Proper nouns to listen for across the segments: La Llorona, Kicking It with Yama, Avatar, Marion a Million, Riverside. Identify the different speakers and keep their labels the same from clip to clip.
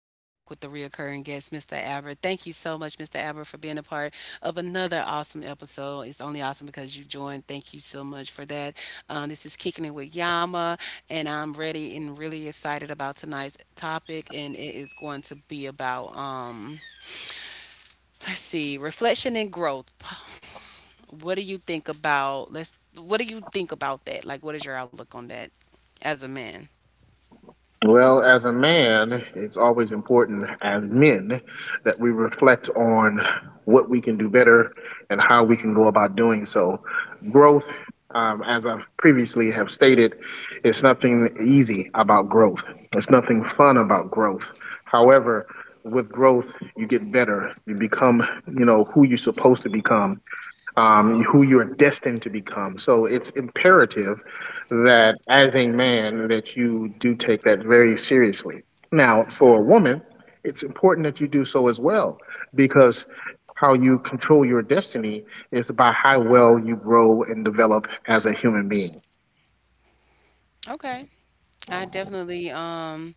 Speaker 1: and I'm back with the reoccurring guest, Mr. Albert. Thank you so much, Mr. Albert, for being a part of another awesome episode. It's only awesome because you joined. Thank you so much for that. This is Kicking It with Yama, and I'm ready and really excited about tonight's topic, and it is going to be about, let's see, reflection and growth. What do you think about, what do you think about that? Like, what is your outlook on that as a man?
Speaker 2: Well, as a man, it's always important as men that we reflect on what we can do better and how we can go about doing so. Growth, as I've previously have stated, is nothing easy about growth. It's nothing fun about growth. However, with growth, you get better. You become, you know, who you're supposed to become who you're destined to become. So it's imperative that as a man that you do take that very seriously. Now, for a woman, it's important that you do so as well because how you control your destiny is by how well you grow and develop as a human being.
Speaker 1: Okay. I definitely um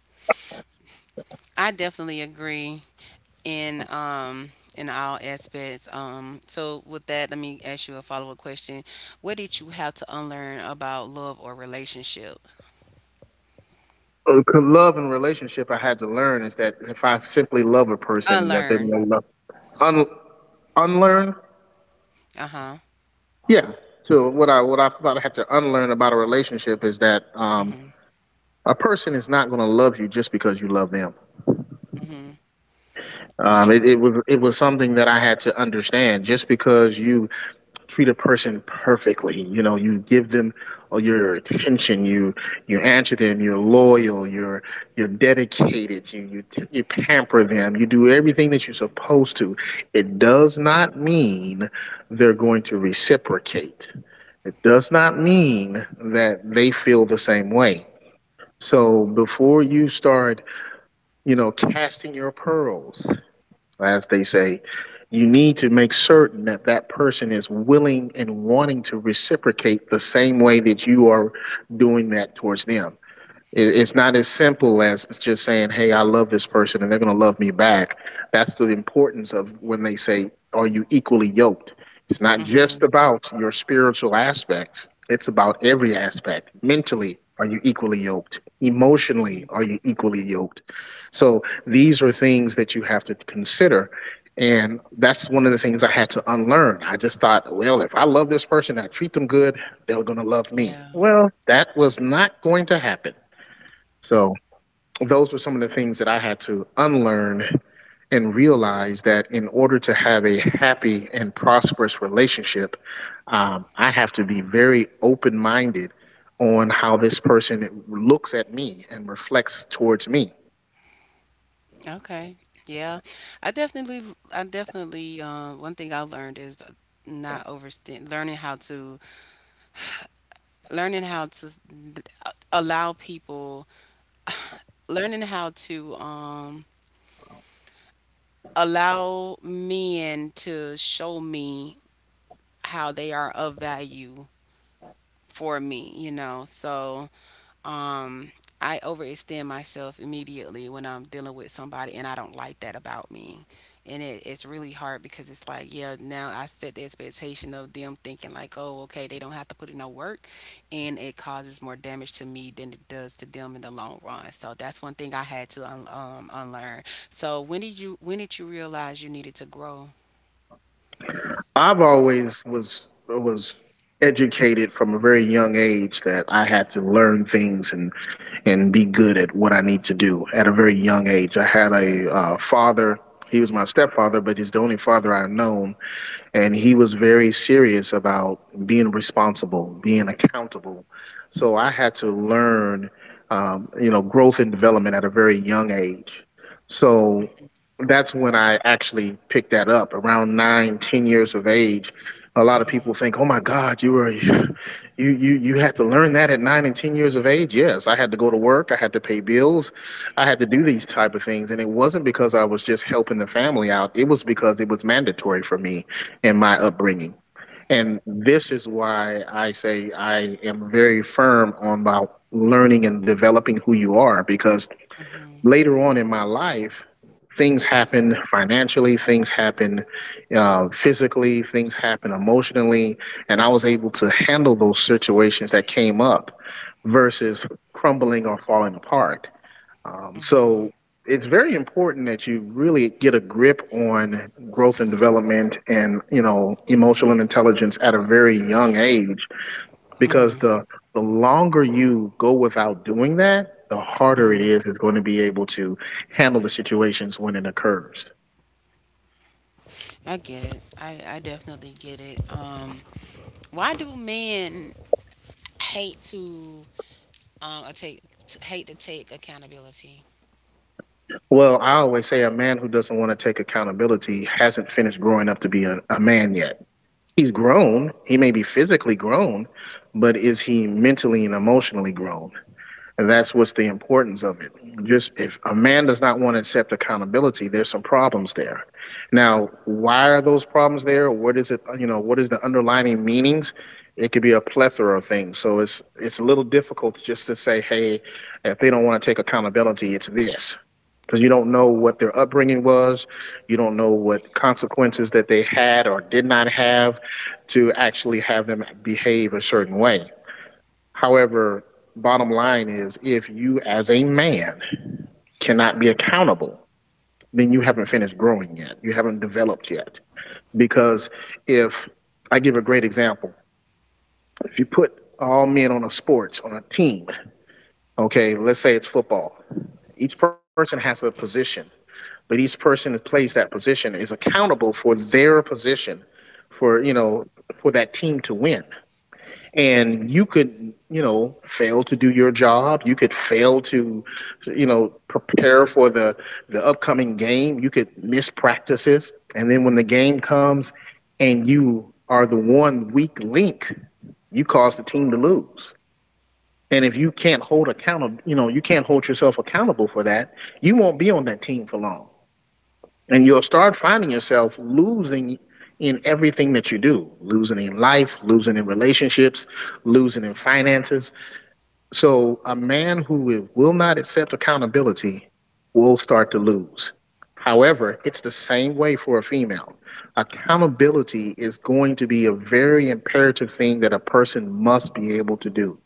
Speaker 1: I definitely agree in um in all aspects. So with that, let me ask you a follow-up question. What did you have to unlearn about love or relationship?
Speaker 2: Love and relationship, I had to learn is that if I simply love a person, that they're
Speaker 1: Unlearn.
Speaker 2: going to un- unlearn.
Speaker 1: Uh-huh.
Speaker 2: Yeah. So what I thought I had to unlearn about a relationship is that
Speaker 1: Mhm.
Speaker 2: a person is not going to love you just because you love them.
Speaker 1: Mhm. That's
Speaker 2: It,
Speaker 1: true.
Speaker 2: it was it was something that I had to understand. Just because you treat a person perfectly, you know, you give them all your attention, you answer them, you're loyal, you're dedicated, you pamper them, you do everything that you're supposed to. It does not mean they're going to reciprocate. It does not mean that they feel the same way. So before you start you know, casting your pearls, as they say, you need to make certain that that person is willing and wanting to reciprocate the same way that you are doing that towards them. It's not as simple as just saying, "Hey, I love this person, and they're going to love me back." That's the importance of when they say, "Are you equally yoked?" It's not just
Speaker 1: Mhm.
Speaker 2: about your spiritual aspects; it's about every aspect. Mentally, are you equally yoked? Emotionally,
Speaker 1: Mhm.
Speaker 2: are you equally yoked? So these are things that you have to consider. And that's one of the things I had to unlearn. I just thought, well, if I love this person, I treat them good, they're going to love me.
Speaker 1: Yeah.
Speaker 2: Well, that was not going to happen, so those were some of the things that I had to unlearn and realize that in order to have a happy and prosperous relationship, I have to be very open minded on how this person looks at me and reflects towards me.
Speaker 1: Okay. Yeah. I definitely I definitely One thing I learned is not overstand learning how to s- allow people learning how to allow men to show me how they are of value for me, you know. So, um, I overextend myself immediately when I'm dealing with somebody, and I don't like that about me. And it's really hard because it's like, yeah, now I set the expectation of them thinking, like, oh, okay, they don't have to put in no work. And it causes more damage to me than it does to them in the long run. So that's one thing I had to unlearn. So, when did you realize you needed to grow?
Speaker 2: I've always was educated from a very young age that I had to learn things and be good at what I need to do at a very young age. I had a father. He was my stepfather, but he's the only father I've known, and he was very serious about being responsible, being accountable. So I had to learn, you know, growth and development at a very young age. So that's when I actually picked that up around nine, 10 years of age. A lot of people think, "Oh my God, you were, you had to learn that at 9 and 10 years of age." Yes, I had to go to work, I had to pay bills, I had to do these type of things, and it wasn't because I was just helping the family out. It was because it was mandatory for me and my upbringing. And this is why I say I am very firm on my learning and developing who you are because later on in my life, things happen financially, things happen physically, things happen emotionally, and I was able to handle those situations that came up versus crumbling or falling apart. So it's very important that you really get a grip on growth and development and you know emotional intelligence at a very young age because the longer you go without doing that, the harder it is going to be able to handle the situations when it occurs.
Speaker 1: I get it. I definitely get it. Why do men hate to um uh, take hate to take accountability?
Speaker 2: Well, I always say a man who doesn't want to take accountability hasn't finished growing up to be a man yet. He's grown, he may be physically grown, but is he mentally and emotionally grown? And that's what's the importance of it. Just if a man does not want to accept accountability, there's some problems there. Now, why are those problems there? What is it, you know, what is the underlying meanings? It could be a plethora of things. So it's a little difficult just to say, hey, if they don't want to take accountability, it's this. Because you don't know what their upbringing was, you don't know what consequences that they had or did not have to actually have them behave a certain way. However, bottom line is if you as a man cannot be accountable, then you haven't finished growing yet. You haven't developed yet. Because if I give a great example, if you put all men on a sports, on a team, okay, let's say it's football, each person has a position, but each person that plays that position is accountable for their position for, you know, for that team to win. And you could, you know, fail to do your job, you could fail to, you know, prepare for the upcoming game, you could miss practices, and then when the game comes and you are the one weak link, you cause the team to lose. And if you can't hold accountable, you know, you can't hold yourself accountable for that, you won't be on that team for long, and you'll start finding yourself losing in everything that you do, losing in life, losing in relationships, losing in finances. So a man who will not accept accountability will start to lose. However, it's the same way for a female. Accountability is going to be a very imperative thing that a person must be able to do.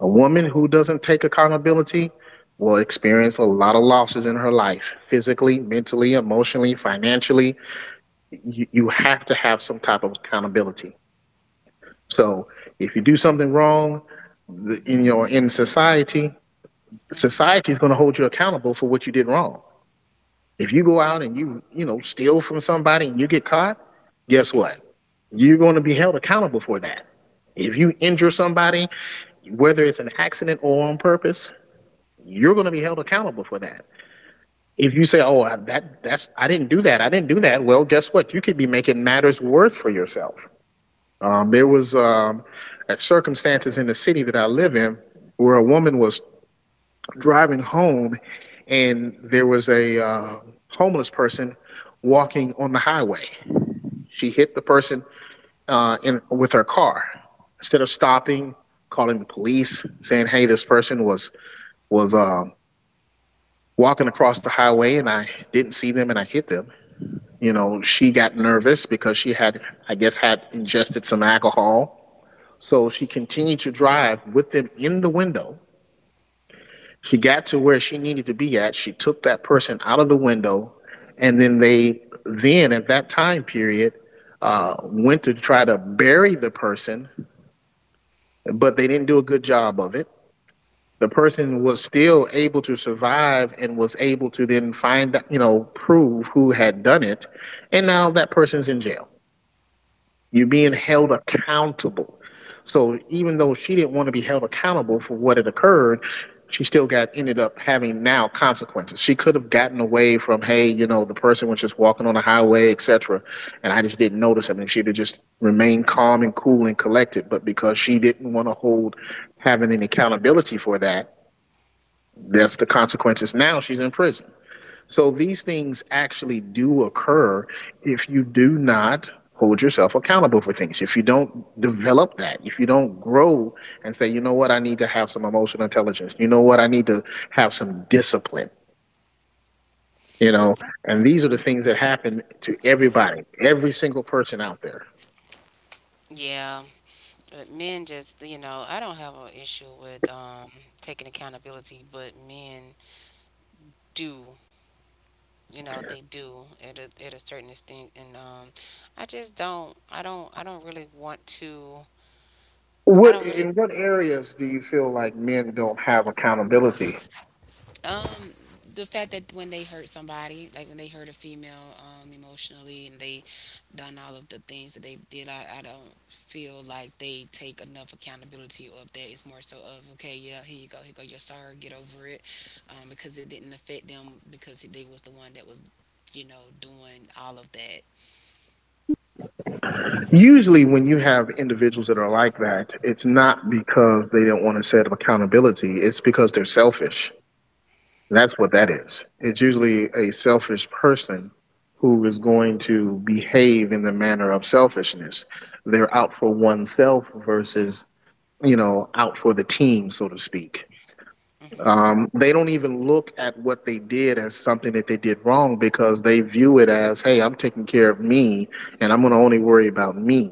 Speaker 2: A woman who doesn't take accountability will experience a lot of losses in her life physically, mentally, emotionally, financially. You have to have some type of accountability. So if you do something wrong in your in society, society is going to hold you accountable for what you did wrong. If you go out and you know, steal from somebody and you get caught, guess what?
Speaker 1: Hmm.
Speaker 2: You're going to be held accountable for that. If you injure somebody, whether it's an accident or on purpose, you're going to be held accountable for that. If you say, "Oh, that's I didn't do that. I didn't do that." Well, guess what? You could be making matters worse for yourself. There was circumstances in the city that I live in where a woman was driving home, and there was a homeless person walking on the highway. She hit the person in with her car, instead of stopping, calling the police, saying, "Hey, this person was walking across the highway and I didn't see them and I hit them." You know, she got nervous because she had, I guess, had ingested some alcohol. So she continued to drive with them in the window. She got to where she needed to be at. She took that person out of the window. And then they, then at that time period, went to try to bury the person, but they didn't do a good job of it. The person was still able to survive and was able to then find, you know, prove who had done it, and now that person's in jail. You're being held accountable. So even though she didn't want to be held accountable for what had occurred, she still got ended up having now consequences. She could have gotten away from, hey, you know, the person was just walking on the highway, etc., and I just didn't notice him, and she'd have just remained calm and cool and collected. But because she didn't want to hold having an accountability for that, that's the consequences. Now she's in prison. So these things actually do occur if you do not hold yourself accountable for things. If you don't develop that, if you don't grow and say, you know what, I need to have some emotional intelligence. You know what, I need to have some discipline. You know, and these are the things that happen to everybody, every single person out there.
Speaker 1: Yeah, but men just, I don't have an issue with taking accountability, but men do. You know they do at a certain extent, and I just don't. I don't. I don't really want to. I
Speaker 2: What
Speaker 1: don't really.
Speaker 2: in what areas do you feel like men don't have accountability?
Speaker 1: The fact that when they hurt somebody, like when they hurt a female, emotionally, and they done all of the things that they did, I don't feel like they take enough accountability of that. It's more so of okay, yeah, here you go, you're sorry, get over it, because it didn't affect them because they was the one that was, doing all of that.
Speaker 2: Usually, when you have individuals that are like that, it's not because they don't want to set up accountability, it's because they're selfish. That's what that is. It's usually a selfish person who is going to behave in the manner of selfishness. They're out for oneself versus, you know, out for the team, so to speak. They don't even look at what they did as something that they did wrong because they view it as, hey, I'm taking care of me and I'm going to only worry about me.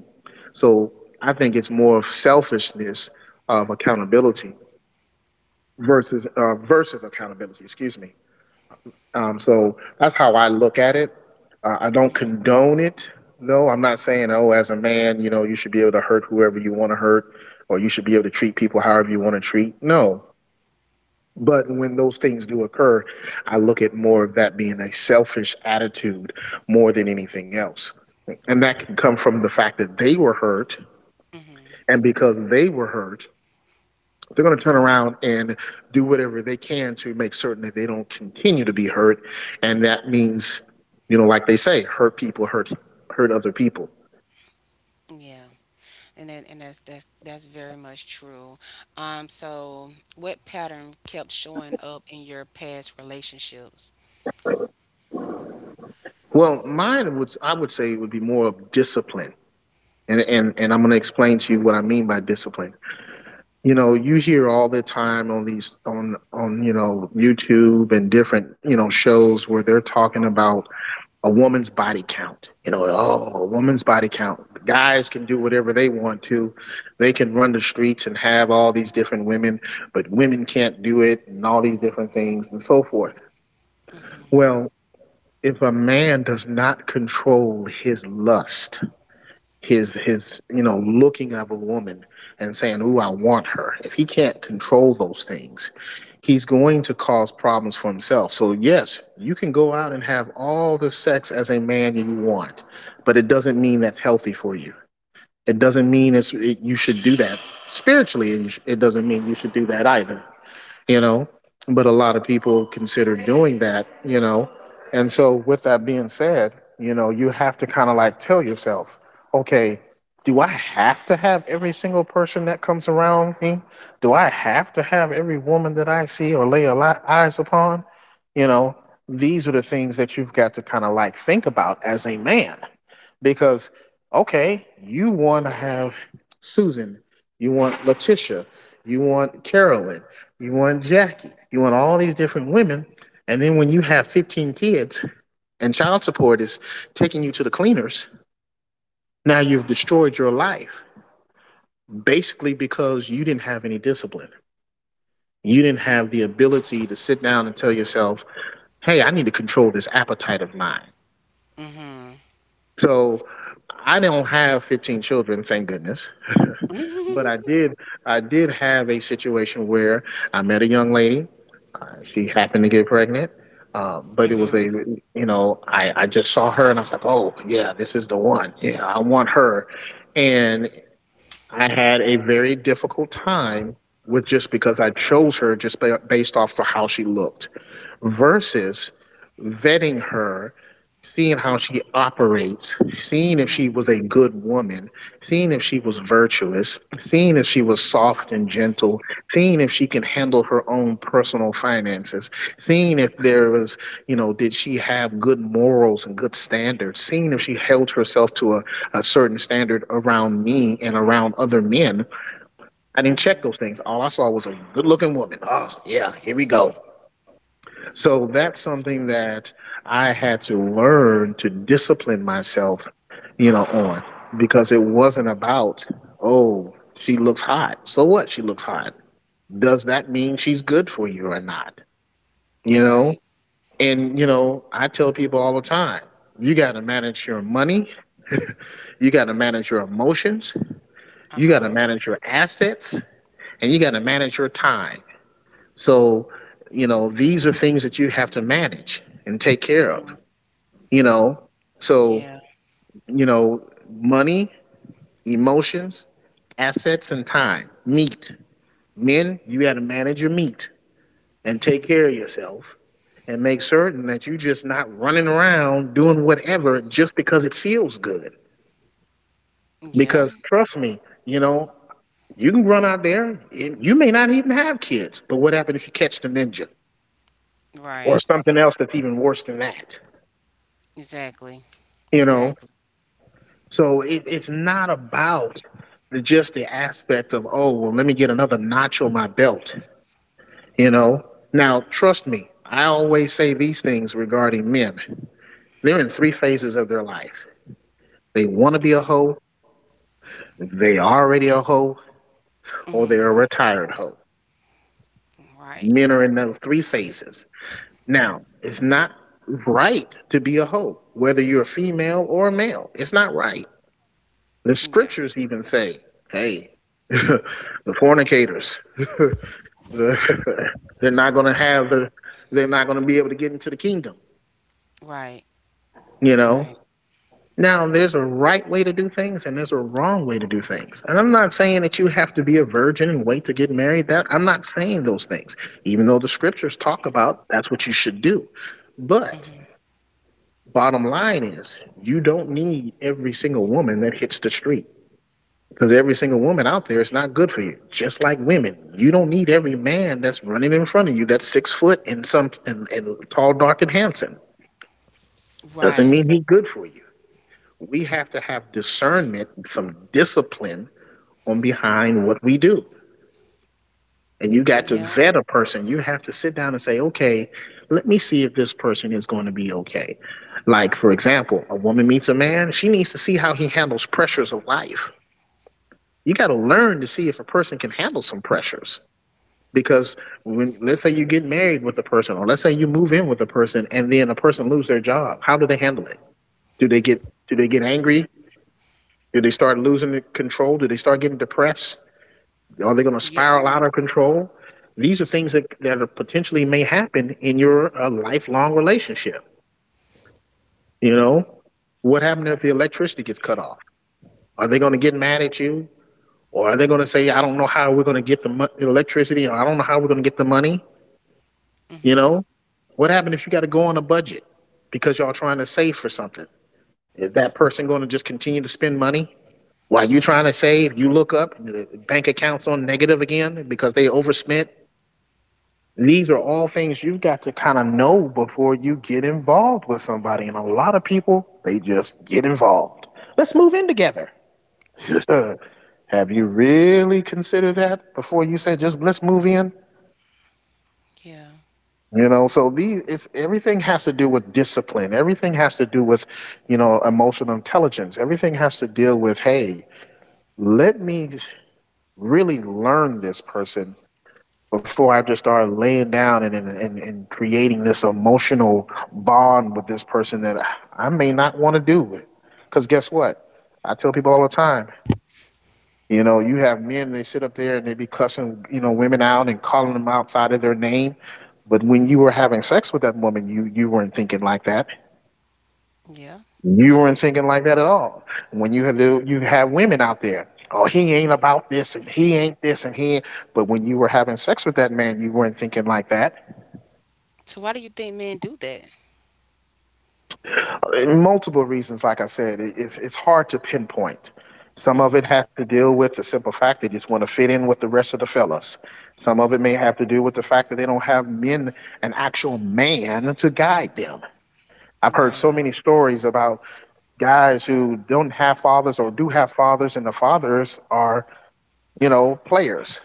Speaker 2: So I think it's more of selfishness of accountability versus accountability. Excuse me. So that's how I look at it. I don't condone it, though. I'm not saying, oh, as a man, you know, you should be able to hurt whoever you want to hurt, or you should be able to treat people however you want to treat. No, but when those things do occur, I look at more of that being a selfish attitude more than anything else. And that can come from the fact that they were hurt. And because they were hurt, they're going to turn around and do whatever they can to make certain that they don't continue to be hurt. And that means, you know, like they say, hurt people hurt other people.
Speaker 1: Yeah. And that's very much true. So what pattern kept showing up in your past relationships?
Speaker 2: Well, mine would I would say would be more of discipline. And I'm going to explain to you what I mean by discipline. You know, you hear all the time on these on you know YouTube and different, you know, shows where they're talking about a woman's body count. You know, oh, a woman's body count, guys can do whatever they want to. They can run the streets and have all these different women, but women can't do it and all these different things and so forth. Well, if a man does not control his lust, his you know looking of a woman and saying, ooh, I want her, if he can't control those things, he's going to cause problems for himself. So yes, you can go out and have all the sex as a man you want, but it doesn't mean that's healthy for you. It doesn't mean you should do that spiritually, and you it doesn't mean you should do that either, you know. But a lot of people consider doing that, you know. And so with that being said, you know, you have to kind of like tell yourself, okay, do I have to have every single person that comes around me? Do I have to have every woman that I see or lay a lot eyes upon? You know, these are the things that you've got to kind of like think about as a man. Because okay, you want to have Susan, you want Letitia, you want Carolyn, you want Jackie, you want all these different women, and then when you have 15 kids and child support is taking you to the cleaners, now you've destroyed your life basically because you didn't have any discipline. You didn't have the ability to sit down and tell yourself, "Hey, I need to control this appetite of mine." So, I don't have 15 children, thank goodness. But I did have a situation where I met a young lady. She happened to get pregnant, but it was a, you know, I just saw her and I was like, oh yeah, this is the one. Yeah, I want her. And I had a very difficult time with, just because I chose her just based off of how she looked versus vetting her, seeing how she operates, seeing if she was a good woman, seeing if she was virtuous, seeing if she was soft and gentle, seeing if she can handle her own personal finances, seeing if there was, you know, did she have good morals and good standards, seeing if she held herself to a certain standard around me and around other men. I didn't check those things. All I saw was a good looking woman. Oh, yeah, we go. So that's something that I had to learn to discipline myself, you know, on. Because it wasn't about, oh, she looks hot. So what? She looks hot. Does that mean she's good for you or not? You know?
Speaker 1: Right.
Speaker 2: And, you know, I tell people all the time, you got to manage your money, you got to manage your emotions, you got to
Speaker 1: Uh-huh.
Speaker 2: manage your assets, and you got to manage your time. So, you know, these are things that you have to manage and take care of. You know. So,
Speaker 1: Yeah.
Speaker 2: you know, money, emotions, assets, and time. Meat, men, you got to manage your meat and take care of yourself and make certain that you're just not running around doing whatever just because it feels good.
Speaker 1: Yeah.
Speaker 2: Because trust me, you know, you can run out there and you may not even have kids, but what happens if you catch the ninja or
Speaker 1: Right.
Speaker 2: something else that's even worse than that?
Speaker 1: Exactly.
Speaker 2: You know.
Speaker 1: Exactly.
Speaker 2: So it's not about just the aspect of, oh, well, let me get another notch on my belt, you know? Now, trust me, I always say these things regarding men. They're in three phases of their life. They want to be a hoe, they are already a hoe, or they're a retired hoe.
Speaker 1: Right.
Speaker 2: Men are in those three phases. Now, it's not right to be a hoe, whether you're a female or a male. It's not right. The
Speaker 1: Yeah.
Speaker 2: scriptures even say, hey, the fornicators, they're not going to have the, they're not going to be able to get into the kingdom,
Speaker 1: Right.
Speaker 2: you know?
Speaker 1: Right.
Speaker 2: Now, there's a right way to do things and there's a wrong way to do things. And I'm not saying that you have to be a virgin and wait to get married. That I'm not saying those things, even though the scriptures talk about that's what you should do. But bottom line is, you don't need every single woman that hits the street. Because every single woman out there is not good for you. Just like women, you don't need every man that's running in front of you that's six foot and some and tall, dark, and handsome. Doesn't
Speaker 1: Right.
Speaker 2: mean he's good for you. We have to have discernment, some discipline on behind what we do. And you got to
Speaker 1: Yeah.
Speaker 2: vet a person. You have to sit down and say, okay, let me see if this person is going to be okay. Like, for example, a woman meets a man, she needs to see how he handles pressures of life. You got to learn to see if a person can handle some pressures. Because when, let's say you get married with a person, or let's say you move in with a person, and then a person loses their job, how do they handle it? Do they get angry? Do they start losing control? Do they start getting depressed? Are they going to spiral
Speaker 1: Yeah.
Speaker 2: out of control? These are things that are potentially may happen in your lifelong relationship. You know, what happened if the electricity gets cut off? Are they going to get mad at you? Or are they going to say, I don't know how we're going to get the electricity, or I don't know how we're going to get the money? You know, what happened if you got to go on a budget because y'all trying to save for something? Is that person going to just continue to spend money while you trying to save? You look up, the bank accounts on negative again because they overspent. These are all things you've got to kind of know before you get involved with somebody. And a lot of people, they just get involved. Let's move in together. Have you really considered that before you said just let's move in?
Speaker 1: Yeah.
Speaker 2: You know, so these, it's everything has to do with discipline. Everything has to do with, you know, emotional intelligence. Everything has to deal with, hey, let me really learn this person before I just start laying down and creating this emotional bond with this person that I may not want to do with. Because guess what? I tell people all the time, you know, you have men, they sit up there and they be cussing, you know, women out and calling them outside of their name. But when you were having sex with that woman, you weren't thinking like that.
Speaker 1: Yeah.
Speaker 2: You weren't
Speaker 1: True.
Speaker 2: thinking like that at all. When you have you have women out there, oh, he ain't about this and he ain't this and he. Ain't. But when you were having sex with that man, you weren't thinking like that.
Speaker 1: So why do you think men do that?
Speaker 2: Multiple reasons, like I said, it's hard to pinpoint. Some of it has to deal with the simple fact they just want to fit in with the rest of the fellas. Some of it may have to do with the fact that they don't have men, an actual man to guide them. I've heard
Speaker 1: Right.
Speaker 2: so many stories about guys who don't have fathers or do have fathers, and the fathers are players.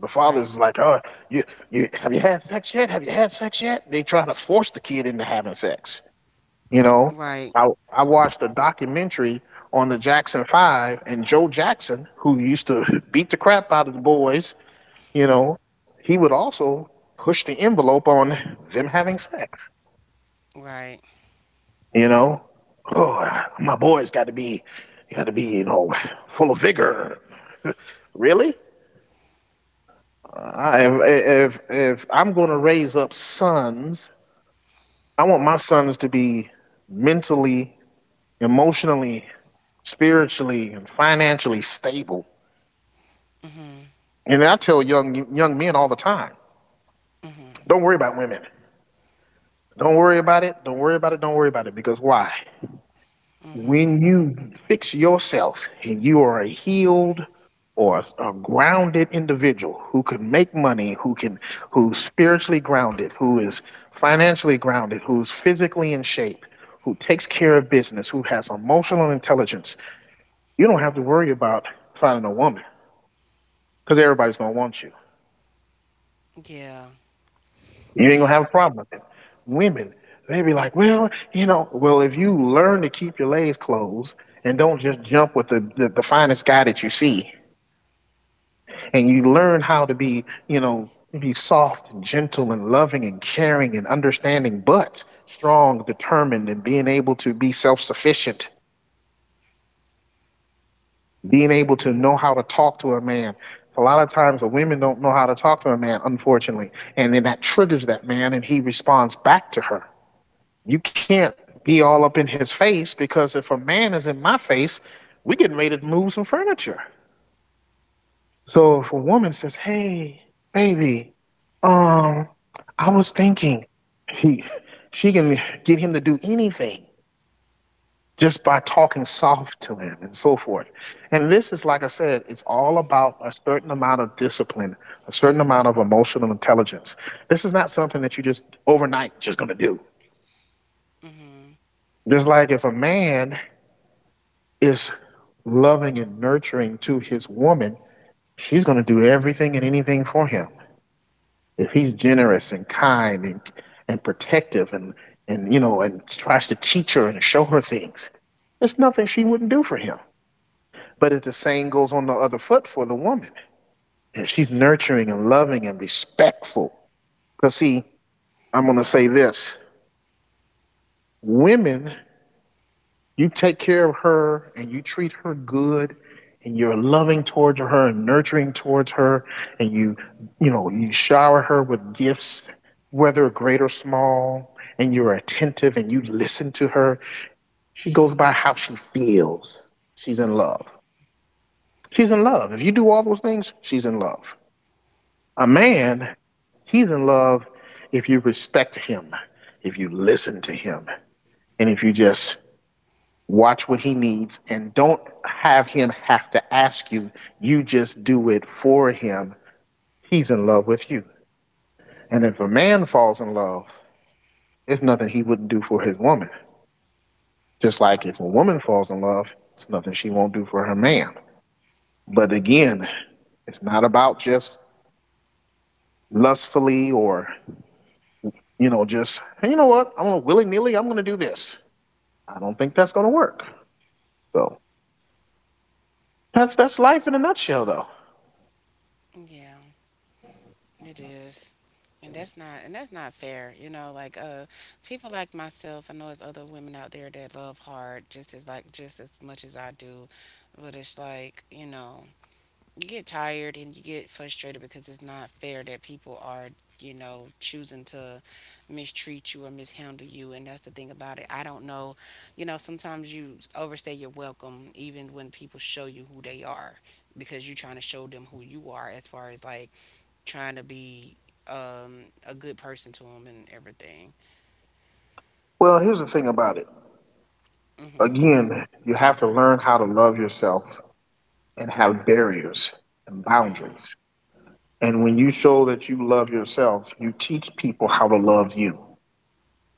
Speaker 2: The fathers
Speaker 1: Right.
Speaker 2: is like, oh, you you, have you had sex yet? They trying to force the kid into having sex. you know,
Speaker 1: Right.
Speaker 2: I watched a documentary on the Jackson 5, and Joe Jackson, who used to beat the crap out of the boys. you know, he would also push the envelope on them having sex.
Speaker 1: Right.
Speaker 2: You know, oh, my boys got to be, got to be, you know, full of vigor. Really? I, if I'm going to raise up sons, I want my sons to be mentally, emotionally, spiritually, and financially stable. And I tell young men all the time, don't worry about women. Don't worry about it. Don't worry about it. Don't worry about it. Because why? When you fix yourself and you are a healed or a grounded individual who can make money, who's spiritually grounded, who is financially grounded, who's physically in shape, who takes care of business, who has emotional intelligence, you don't have to worry about finding a woman because everybody's gonna want you.
Speaker 1: Yeah.
Speaker 2: You ain't gonna
Speaker 1: Yeah.
Speaker 2: have a problem with it. Women, they be like, well, if you learn to keep your legs closed and don't just jump with the finest guy that you see, and you learn how to be soft and gentle and loving and caring and understanding, but strong, determined, and being able to be self sufficient, being able to know how to talk to a man. A lot of times, the women don't know how to talk to a man, unfortunately, and then that triggers that man, and he responds back to her. You can't be all up in his face, because if a man is in my face, we getting ready to move some furniture. So if a woman says, "Hey, baby, um, I was thinking," he, she can get him to do anything just by talking soft to him and so forth. And this is, like I said, it's all about a certain amount of discipline, a certain amount of emotional intelligence. This is not something that you just overnight just gonna do.
Speaker 1: Mhm.
Speaker 2: Just like if a man is loving and nurturing to his woman, she's going to do everything and anything for him. If he's generous and kind and protective and you know and tries to teach her and show her things, there's nothing she wouldn't do for him. But if the same goes on the other foot for the woman, if she's nurturing and loving and respectful, because see, I'm going to say this: women. You take care of her and you treat her good, and you're loving towards her and nurturing towards her, and you shower her with gifts, whether great or small, and you're attentive and you listen to her. She goes by how she feels. She's in love. She's in love if you do all those things. She's in love. A man, he's in love if you respect him, if you listen to him, and if you just watch what he needs and don't have him have to ask you. You just do it for him. He's in love with you. And if a man falls in love, it's nothing he wouldn't do for his woman. Just like if a woman falls in love, it's nothing she won't do for her man. But again, it's not about just lustfully, or just, hey, you know what, I'm gonna willy-nilly, I'm gonna do this. I don't think that's gonna work. So that's life in a nutshell though.
Speaker 1: Yeah. It is. And that's not fair, you know, like, people like myself, I know there's other women out there that love hard, just as much as I do, but it's like, you get tired and you get frustrated because it's not fair that people are, choosing to mistreat you or mishandle you. And that's the thing about it. I don't know, sometimes you overstay your welcome even when people show you who they are because you're trying to show them who you are as far as like trying to be, a good person to them and everything.
Speaker 2: Well, here's the thing about it.
Speaker 1: Hmm.
Speaker 2: Again, you have to learn how to love yourself and have barriers and boundaries. And when you show that you love yourself, you teach people how to love you.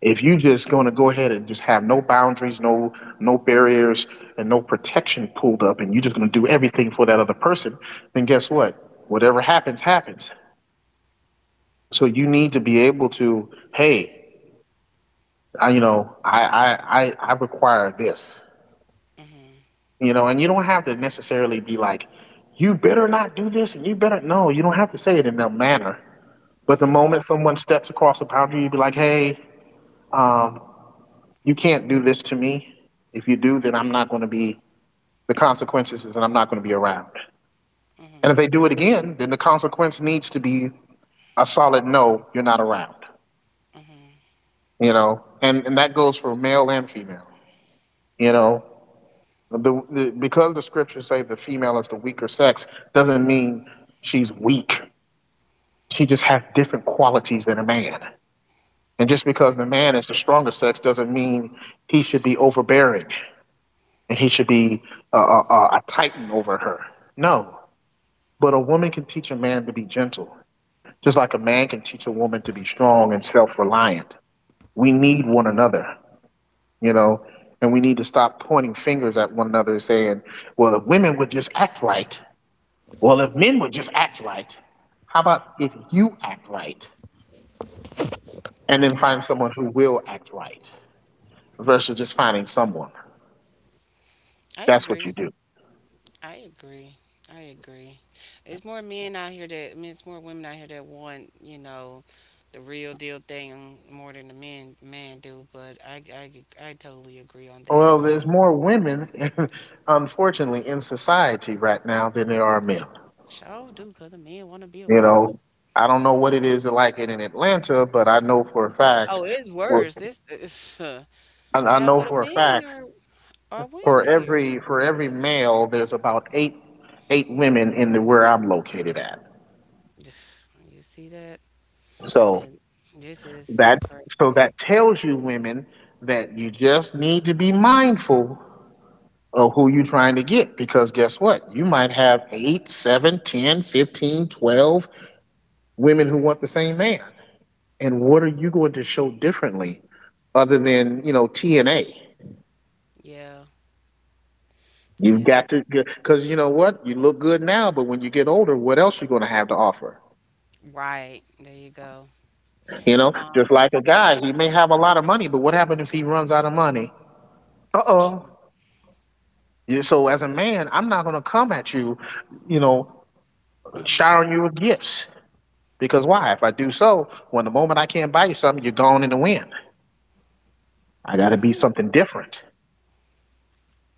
Speaker 2: If you just going to go ahead and just have no boundaries, no barriers, and no protection pulled up, and you're just going to do everything for that other person, then guess what? Whatever happens, happens. So you need to be able to, hey, I require this. You know, and you don't have to necessarily be like, you better not do this, and you better no, you don't have to say it in that manner. But the
Speaker 1: Hmm.
Speaker 2: moment someone steps across the boundary, you be like, hey, um, you can't do this to me. If you do, then I'm not gonna be the consequences is that I'm not gonna be around. And if they do it again, then the consequence needs to be a solid no, you're not around. You know? And that goes for male and female, you know. Because the scriptures say the female is the weaker sex doesn't mean she's weak. She just has different qualities than a man. And just because
Speaker 1: Right.
Speaker 2: the man is the stronger sex doesn't mean he should be overbearing, and he should be a titan over her. No. But a woman can teach a man to be gentle, just like a man can teach a woman to be strong and self reliant. We need one another, you know, and we need to stop pointing fingers at one another and saying, well, if women would just act right, well, if men would just act right, how about if you act right? And then find
Speaker 1: Right.
Speaker 2: someone who will act right, versus just finding someone.
Speaker 1: I
Speaker 2: That's
Speaker 1: agree.
Speaker 2: what you do.
Speaker 1: I agree. I agree. It's more men out here that, I mean, it's more women out here that want, the real deal thing more than the men do. But I totally agree on that.
Speaker 2: Well, there's more women, unfortunately, in society right now than there are men.
Speaker 1: Sure do, because the men want to be a
Speaker 2: You
Speaker 1: woman.
Speaker 2: know, I don't know what it is like it in Atlanta, but I know for a fact,
Speaker 1: Oh, it's
Speaker 2: well,
Speaker 1: worse. This is,
Speaker 2: I I
Speaker 1: half
Speaker 2: know
Speaker 1: of the
Speaker 2: for a
Speaker 1: men
Speaker 2: fact,
Speaker 1: are women
Speaker 2: for
Speaker 1: here.
Speaker 2: every for every male, there's about eight women in the where I'm located at.
Speaker 1: You see that?
Speaker 2: So
Speaker 1: And this is
Speaker 2: that so
Speaker 1: crazy.
Speaker 2: that tells you, women, that you just need to be mindful of who you're trying to get, because guess what, you might have 8, seven, 10, 15, 12 women who want the same man. And what are you going to show differently, other than, you know, TNA?
Speaker 1: Yeah,
Speaker 2: You've
Speaker 1: yeah.
Speaker 2: got to, because you know what, you look good now, but when you get older, what else are you going to have to offer?
Speaker 1: Right. There you go.
Speaker 2: You know,
Speaker 1: Um,
Speaker 2: just like a guy, he may have a lot of money, but what happens if he runs out of money?
Speaker 1: she,
Speaker 2: Uh-oh. Yeah, so as a man, I'm not going to come at you, you know
Speaker 1: mm-hmm.
Speaker 2: showering you with gifts. Because why? If I do so, when the moment I can't buy you something, you're gone in the wind. I got to be something different.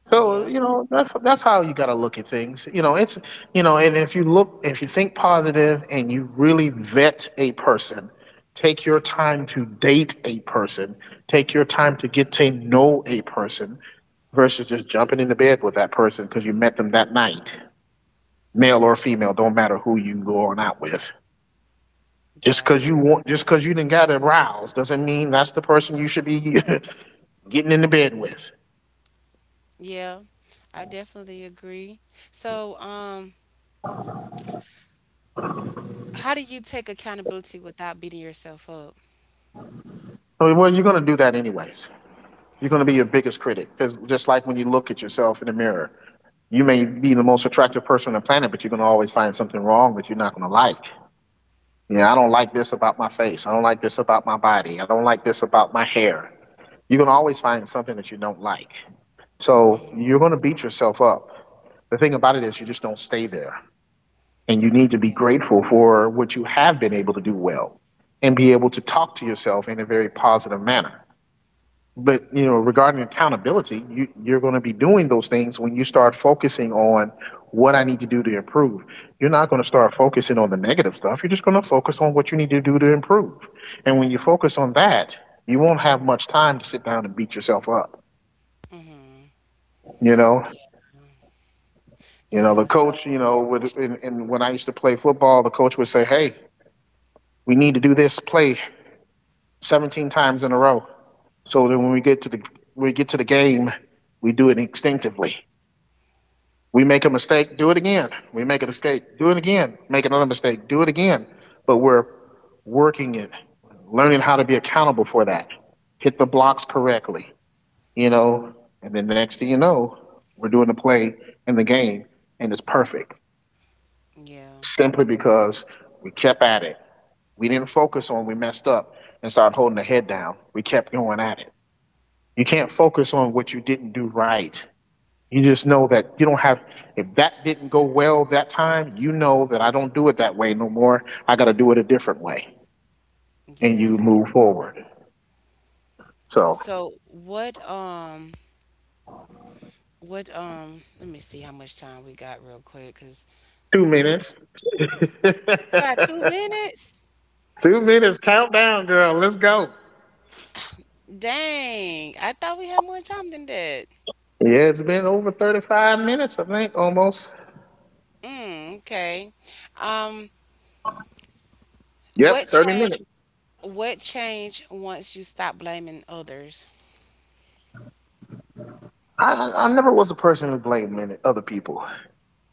Speaker 2: So
Speaker 1: Yeah,
Speaker 2: you know that's how you got to look at things. You know it's you know, and if you look, if you think positive, and you really vet a person, take your time to date a person, take your time to get to know a person, versus just jumping into bed with that person because you met them that night. Male or female, don't matter who you go on out with. Just
Speaker 1: got
Speaker 2: because
Speaker 1: it.
Speaker 2: you want, just because you didn't got aroused, doesn't mean that's the person you should be getting into bed with.
Speaker 1: Yeah, I definitely agree. So, how do you take accountability without beating yourself up?
Speaker 2: So, well, you're gonna do that anyways. You're gonna be your biggest critic. It's just like when you look at yourself in the mirror, you may be the most attractive person on the planet, but you're gonna always find something wrong that you're not gonna like. Yeah, I don't like this about my face. I don't like this about my body. I don't like this about my hair. You're gonna always find something that you don't like. So
Speaker 1: Hmm.
Speaker 2: you're gonna beat yourself up. The thing about it is, you just don't stay there. And you need to be
Speaker 1: Yeah.
Speaker 2: grateful for what you have been able to do well, and be able to talk to yourself in a very positive manner. But, you know, regarding accountability, you're going to be doing those things when you start focusing on what I need to do to improve. You're not going to start focusing on the negative stuff. You're just going to focus on what you need to do to improve. And when you focus on that, you won't have much time to sit down and beat yourself up.
Speaker 1: Hmm.
Speaker 2: You know,
Speaker 1: Yeah.
Speaker 2: the
Speaker 1: Yeah.
Speaker 2: coach, you
Speaker 1: So,
Speaker 2: know, would, and when I used to play football, the coach would say, hey, we need to do this play 17 times in a row. So then when we get to the game, we do it instinctively. We make a mistake, do it again. We make a mistake, do it again. Make another mistake, do it again. But we're working it, learning how to be accountable for that. Hit the blocks correctly, you know, and then next thing you know, we're doing the play in the game and it's perfect.
Speaker 1: yeah.
Speaker 2: Simply because we kept at it. We didn't focus on we messed up and started holding the head down. We kept going at it. You can't focus on what you didn't do right. You just know that you don't have, if that didn't go well that time, you know that I don't do it that way no more. I got to do it a different way. And you
Speaker 1: Yeah.
Speaker 2: move forward. So,
Speaker 1: So, let me see how much time we got real quick, cause.
Speaker 2: 2 minutes.
Speaker 1: You got 2 minutes?
Speaker 2: 2 minutes countdown, girl. Let's go.
Speaker 1: Dang, I thought we had more time than that.
Speaker 2: Yeah, it's been over 35 minutes, I think, almost.
Speaker 1: Mm, okay. Um,
Speaker 2: Yep,
Speaker 1: what
Speaker 2: 30
Speaker 1: change,
Speaker 2: minutes.
Speaker 1: what change once you stop blaming others?
Speaker 2: I never was a person who blamed other people.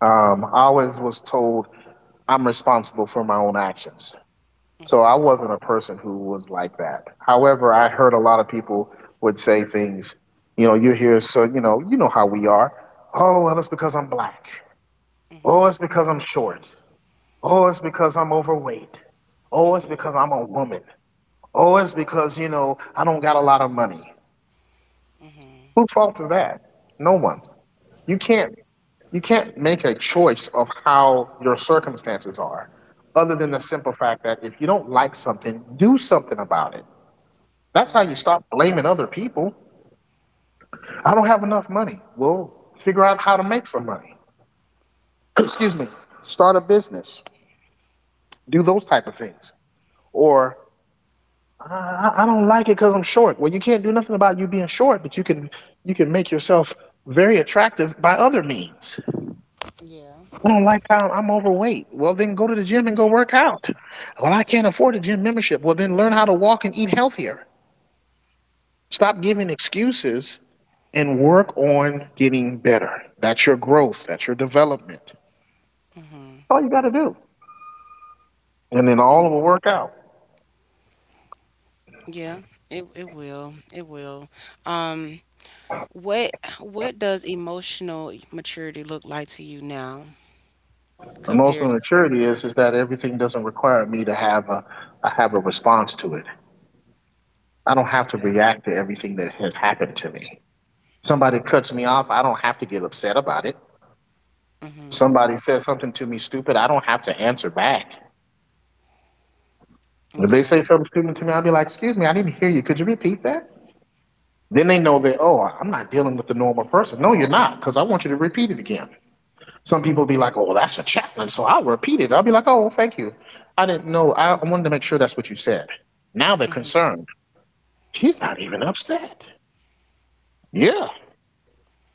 Speaker 2: I always was told I'm responsible for my own actions. So I wasn't a person who was like that. However, I heard a lot of people would say things, you know, you hear so you know how we are. Oh, well, it's because I'm black. Oh, it's because I'm short. Oh, it's because I'm overweight. Oh, it's
Speaker 1: Mm-hmm.
Speaker 2: because I'm a woman. Oh, it's because I don't got a lot of money. Who faulted that? No one. You can't you can't make a choice of how your circumstances are, other than the simple fact that if you don't like something, do something about it. That's how you
Speaker 1: Right.
Speaker 2: stop blaming other people. I don't have enough money. Well, figure out how to make some money. Excuse me. Start a business. Do those type of things. Or I don't like it because I'm short. Well, you can't do nothing about you being short, but you can make yourself very attractive by other means.
Speaker 1: Yeah.
Speaker 2: I don't like how I'm overweight. Well, then go to the gym and go work out. Well, I can't afford a gym membership. Well, then learn how to walk and eat healthier. Stop giving excuses and work on getting better. That's your growth, that's your development. That's all you got to do. And then all
Speaker 1: Mm,
Speaker 2: of it will work out.
Speaker 1: yeah, it will. It will. Um, what what does emotional maturity look like to you now
Speaker 2: The most
Speaker 1: compared to.
Speaker 2: maturity is that everything doesn't require me to have a I have a response to it. I don't have to
Speaker 1: Okay.
Speaker 2: react to everything that has happened to me. Somebody cuts me off, I don't have to get upset about it. Somebody says something to me stupid, I don't have to answer back. If they say
Speaker 1: Yeah.
Speaker 2: something stupid to me, I'll be like, "Excuse me, I didn't hear you. Could you repeat that?" Then they know that, "Oh, I'm not dealing with the normal person." No, you're not, because I want you to repeat it again. Some people be like, "Oh, that's a chaplain," so I'll repeat it. I'll be like, "Oh, thank you. I didn't know. I wanted to make sure that's what you said." Now they're concerned. He's not even upset. Yeah,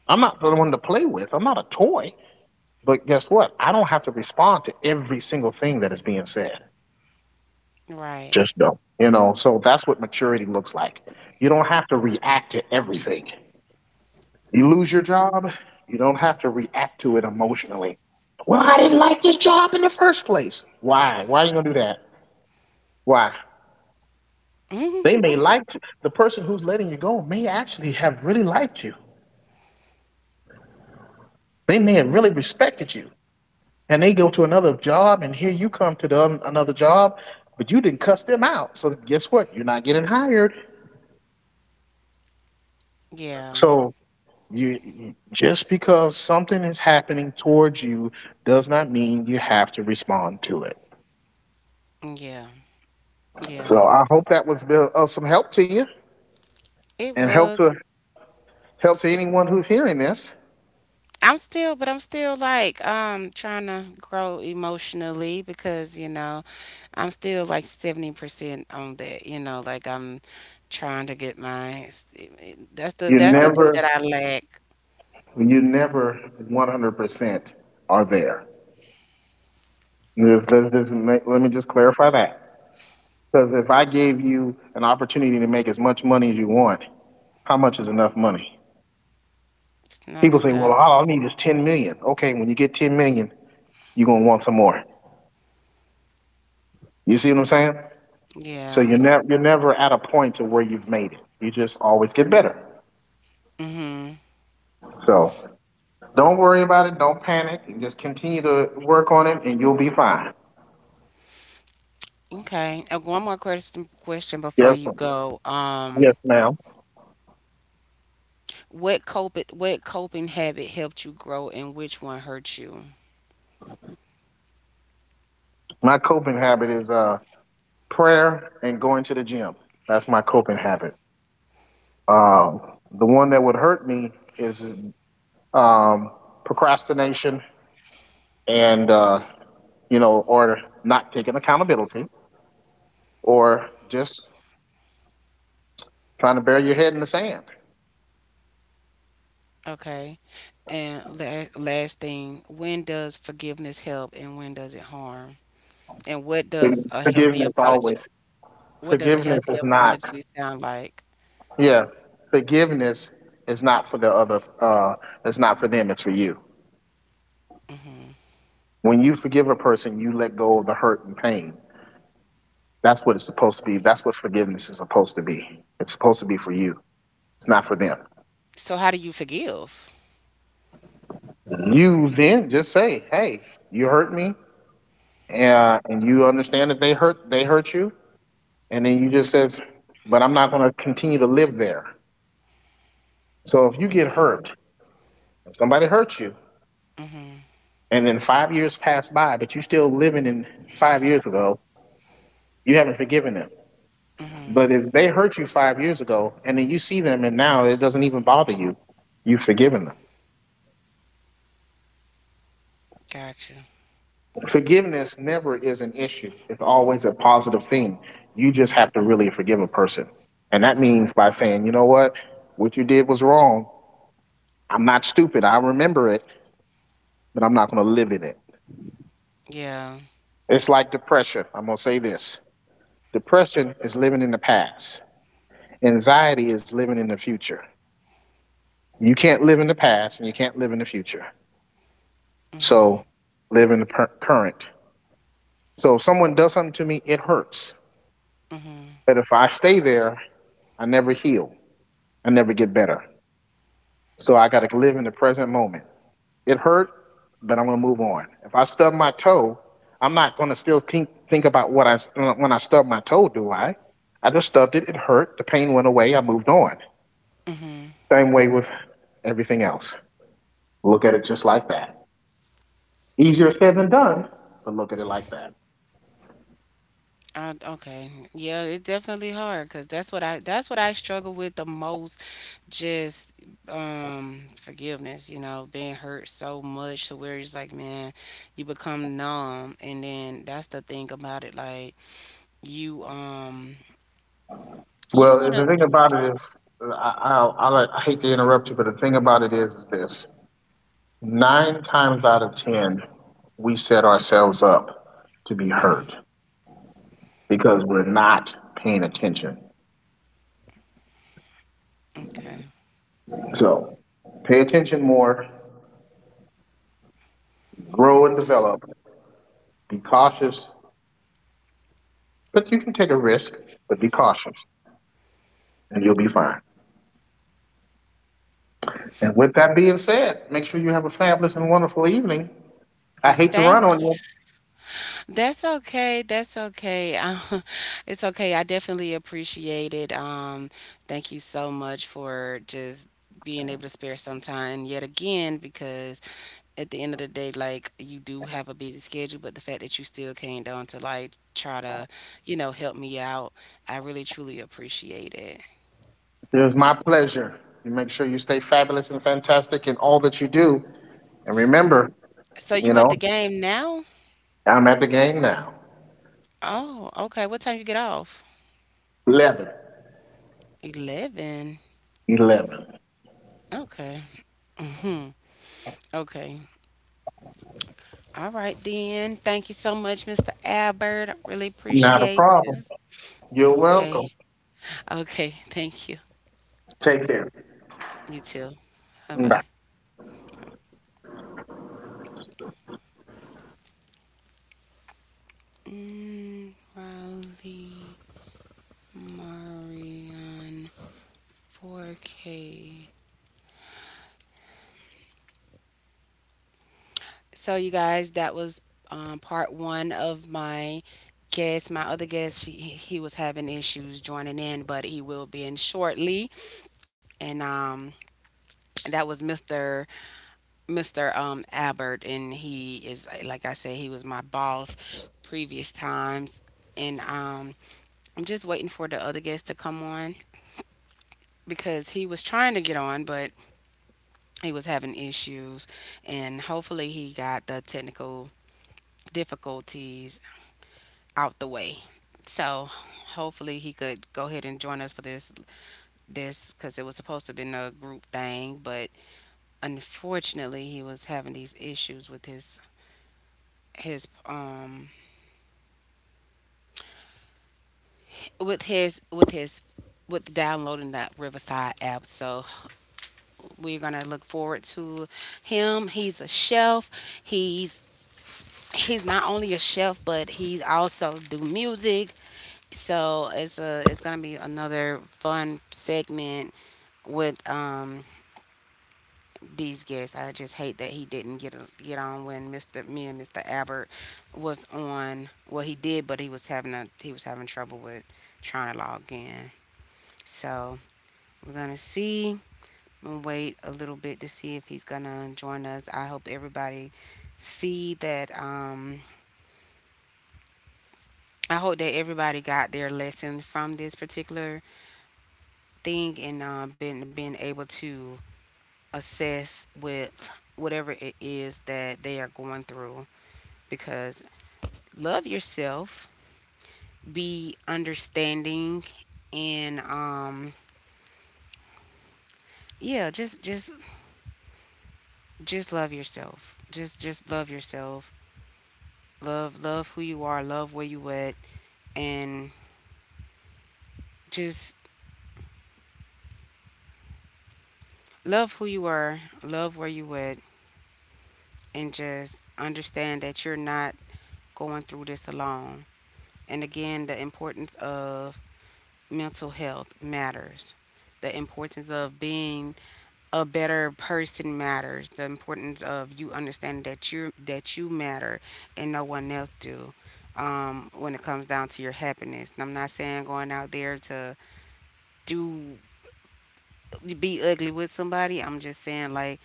Speaker 2: I'm not the one to play with. I'm not a toy. But guess what? I don't have to respond to every single thing that is being said.
Speaker 1: Right.
Speaker 2: Just don't. You know. So that's what maturity looks like. You don't have to react to everything. You lose your job. You don't have to react to it emotionally. Well, I didn't like this job in the first place. Why? Why are you gonna do that? Why? They may like you. The person who's letting you go may actually have really liked you. They may have really respected you. And they go to another job and here you come to the, another job, but you didn't cuss them out. So guess what? You're not getting hired.
Speaker 1: Yeah.
Speaker 2: So you just because something is happening towards you does not mean you have to respond to it.
Speaker 1: Yeah. Yeah.
Speaker 2: So I hope that was of some help to you
Speaker 1: It
Speaker 2: and help
Speaker 1: was
Speaker 2: to help to anyone who's hearing this.
Speaker 1: I'm still, like, trying to grow emotionally because I'm still, like, 70% on that. You know, like, I'm trying to get my. That's the
Speaker 2: You
Speaker 1: that's the thing
Speaker 2: never
Speaker 1: that I lack.
Speaker 2: you never 100% are there. Just, let me just clarify that. Because if I gave you an opportunity to make as much money as you want, how much is enough money?
Speaker 1: It's not
Speaker 2: People
Speaker 1: an,
Speaker 2: say, well, all I need is 10 million. Okay, when you get 10 million, you're going to want some more. You see what I'm saying? So
Speaker 1: yeah.
Speaker 2: you're, never you're never at a point to where you've made it. You just always get better.
Speaker 1: Mhm.
Speaker 2: So don't worry about it. Don't panic. And just continue to work on it and you'll be fine.
Speaker 1: Okay. One more question before
Speaker 2: Yes,
Speaker 1: you go.
Speaker 2: yes, ma'am.
Speaker 1: What coping, habit helped you grow, and which one hurt you?
Speaker 2: My coping habit is prayer and going to the gym. That's my coping habit. Um, the one that would hurt me is um, procrastination and, or not taking accountability or just trying to bury your head in the sand.
Speaker 1: Okay. And last thing, when does forgiveness help and when does it harm? And
Speaker 2: Forgiveness always.
Speaker 1: what does a
Speaker 2: Forgiveness
Speaker 1: healthy
Speaker 2: is not,
Speaker 1: apology sound like?
Speaker 2: yeah, forgiveness is not for the other, it's not for them, it's for you. When you forgive a person, you let go of the hurt and pain. That's what it's supposed to be. That's what forgiveness is supposed to be. It's supposed to be for you, it's not for them.
Speaker 1: So how do you forgive?
Speaker 2: You then just say, "Hey, you hurt me," and you understand that they hurt you, and then you just says, "But I'm not going to continue to live there." So if you get hurt, and somebody hurts you, and then 5 years pass by, but you're still living in 5 years ago, you haven't forgiven them. But if they hurt you 5 years ago, and then you see them, and now it doesn't even bother you, you've forgiven them.
Speaker 1: Gotcha.
Speaker 2: Forgiveness never is an issue. It's always a positive thing. You just have to really forgive a person. And that means by saying, you know what you did was wrong. I'm not stupid. I remember it, but I'm not going to live in it.
Speaker 1: Yeah.
Speaker 2: It's like depression. I'm going to say this depression is living in the past, anxiety is living in the future. You can't live in the past and you can't live in the future. So live in the per- current. So if someone does something to me, it hurts. But if I stay there, I never heal. I never get better. So I got to live in the present moment. It hurt, but I'm going to move on. If I stub my toe, I'm not going to still think about what I, when I stubbed my toe, do I? I just stubbed it, it hurt, the pain went away, I moved on. Same way with everything else. Look at it just like that. Easier said than done, but look at it like that.
Speaker 1: Okay. Yeah, it's definitely hard because that's what I struggle with the most. Just forgiveness, being hurt so much to where it's like, man, you become numb, and then that's the thing about it. Like, you um
Speaker 2: Well, the
Speaker 1: you
Speaker 2: thing
Speaker 1: don't want
Speaker 2: about
Speaker 1: to keep.
Speaker 2: it is, like, I hate to interrupt you, but the thing about it is this. Nine times out of 10, we set ourselves up to be hurt because we're not paying attention.
Speaker 1: Okay.
Speaker 2: So pay attention more, grow and develop, be cautious, but you can take a risk, but be cautious and you'll be fine. And with that being said, make sure you have a fabulous and wonderful evening. I
Speaker 1: Mm,
Speaker 2: hate to
Speaker 1: thank
Speaker 2: run on you.
Speaker 1: that's okay, that's okay, it's okay. I definitely appreciate it. Thank you so much for just being able to spare some time yet again, because at the end of the day, like, you do have a busy schedule, but the fact that you still came down to, like, try to, help me out. I really truly appreciate it.
Speaker 2: It was my pleasure. You make sure you stay fabulous and fantastic in all that you do. And remember,
Speaker 1: So
Speaker 2: you
Speaker 1: you at the
Speaker 2: know,
Speaker 1: game now?
Speaker 2: I'm at the game now.
Speaker 1: Oh, okay, what time you get off?
Speaker 2: 11.
Speaker 1: 11.
Speaker 2: 11.
Speaker 1: Okay. Hmm. Okay. All right, then. Thank you so much, Mr. Albert. I really
Speaker 2: Not a
Speaker 1: appreciate
Speaker 2: problem.
Speaker 1: you.
Speaker 2: You're welcome.
Speaker 1: Okay. Okay. Thank you.
Speaker 2: Take care.
Speaker 1: You too. Bye bye.
Speaker 2: Bye.
Speaker 1: Mm, Riley Marion 4K. So, you guys, that was, part one of my guest. My other guest, he was having issues joining in, but he will be in shortly. And that was Mr. Mr. Um, Albert, and he is like I said, he was my boss previous times, and I'm just waiting for the other guest to come on because he was trying to get on, but he was having issues, and hopefully he got the technical difficulties out the way. So hopefully he could go ahead and join us for this because it was supposed to have been a group thing, but unfortunately he was having these issues with his with his with his with downloading that Riverside app. So we're gonna look forward to him. He's a chef. He's he's not only a chef, but he also do music. So it's gonna be another fun segment with these guests. I just hate that he didn't get on when Mr. Me and Mr. Albert was on. Well, he did, but he was having a he was having trouble with trying to log in. So we're gonna see. We'll wait a little bit to see if he's gonna join us. I hope everybody see that. I hope that everybody got their lesson from this particular thing and, been being able to assess with whatever it is that they are going through. Because love yourself, be understanding, and, yeah, just love yourself. Just love yourself. Love, love who you are, love where you at, and just love who you are, love where you at, and just understand that you're not going through this alone. And again, the importance of mental health matters. The importance of being a better person matters. The importance of you understanding that you, matter and no one else do. When it comes down to your happiness, and I'm not saying going out there to do be ugly with somebody. I'm just saying, like,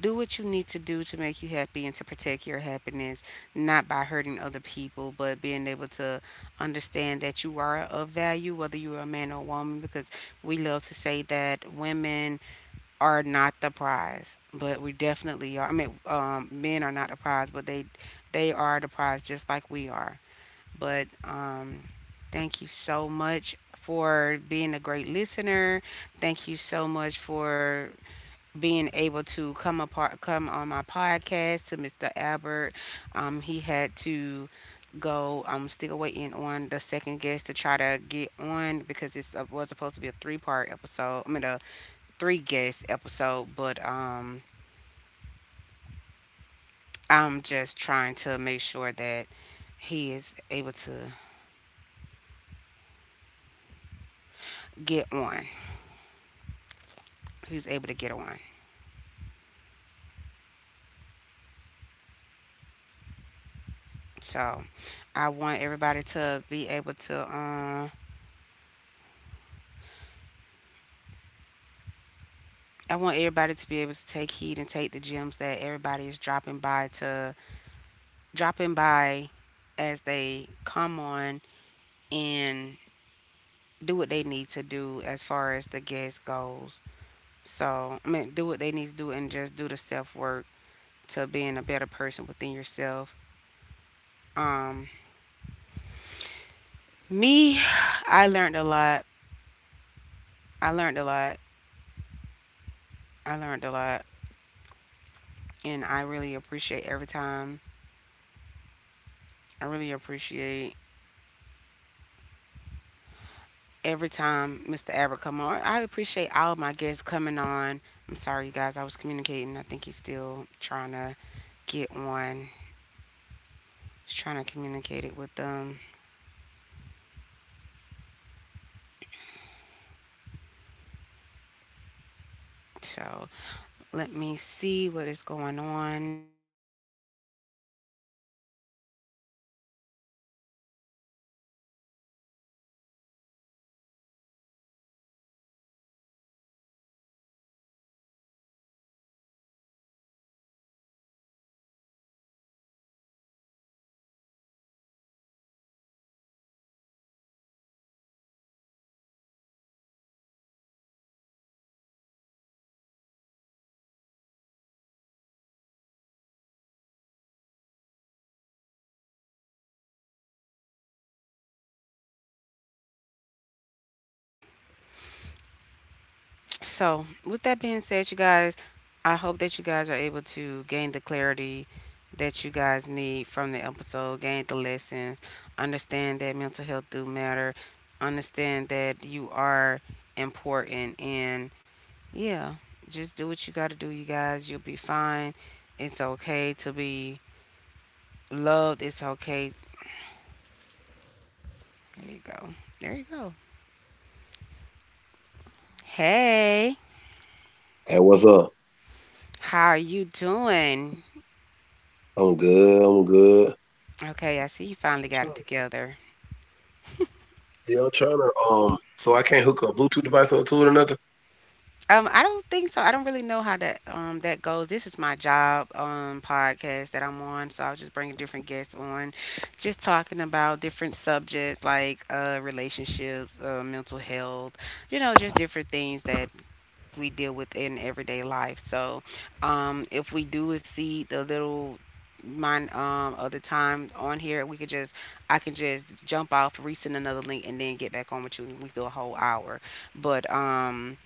Speaker 1: do what you need to do to make you happy and to protect your happiness, not by hurting other people, but being able to understand that you are of value, whether you're a man or a woman, because we love to say that women are not the prize, but we definitely are. I mean, men are not the prize, but they are the prize just like we are. But thank you so much for being a great listener. Thank you so much for being able to come on my podcast to Mr. Albert. He had to go. I'm still waiting on the second guest to try to get on because it was supposed to be a three-part episode. I mean, a three guest episode, but I'm just trying to make sure that he is able to get on. get on. So I want everybody to be able to. I want everybody to be able to take heed and take the gems that everybody is dropping by as they come on and do what they need to do as far as the guest goes. So I mean, do what they need to do and just do the self work to being a better person within yourself. Um, Me, I learned a lot. I learned a lot. I learned a lot, and I really appreciate every time Mr. Abbott come on. I appreciate all of my guests coming on. I'm sorry, you guys. I was communicating. I think he's still trying to get on. He's trying to communicate it with them. So let me see what is going on. So, with that being said, you guys, I hope that you guys are able to gain the clarity that you guys need from the episode, gain the lessons, understand that mental health do matter, understand that you are important, and yeah, just do what you got to do, you guys. You'll be fine. It's okay to be loved. It's okay. There you go. There you go. Hey,
Speaker 3: Hey, what's up?
Speaker 1: how are you doing?
Speaker 3: I'm good. I'm good.
Speaker 1: Okay, I see you finally got it together.
Speaker 3: Yeah, I'm trying to. So I can't hook a Bluetooth device up to it or nothing.
Speaker 1: I don't think so. I don't really know how that that goes. This is my job podcast that I'm on, so I was just bringing different guests on, just talking about different subjects like relationships, mental health, you know, just different things that we deal with in everyday life. So, if we do exceed the little mine other time on here, we could just I can just jump off, resend another link, and then get back on with you, and we do a whole hour. But um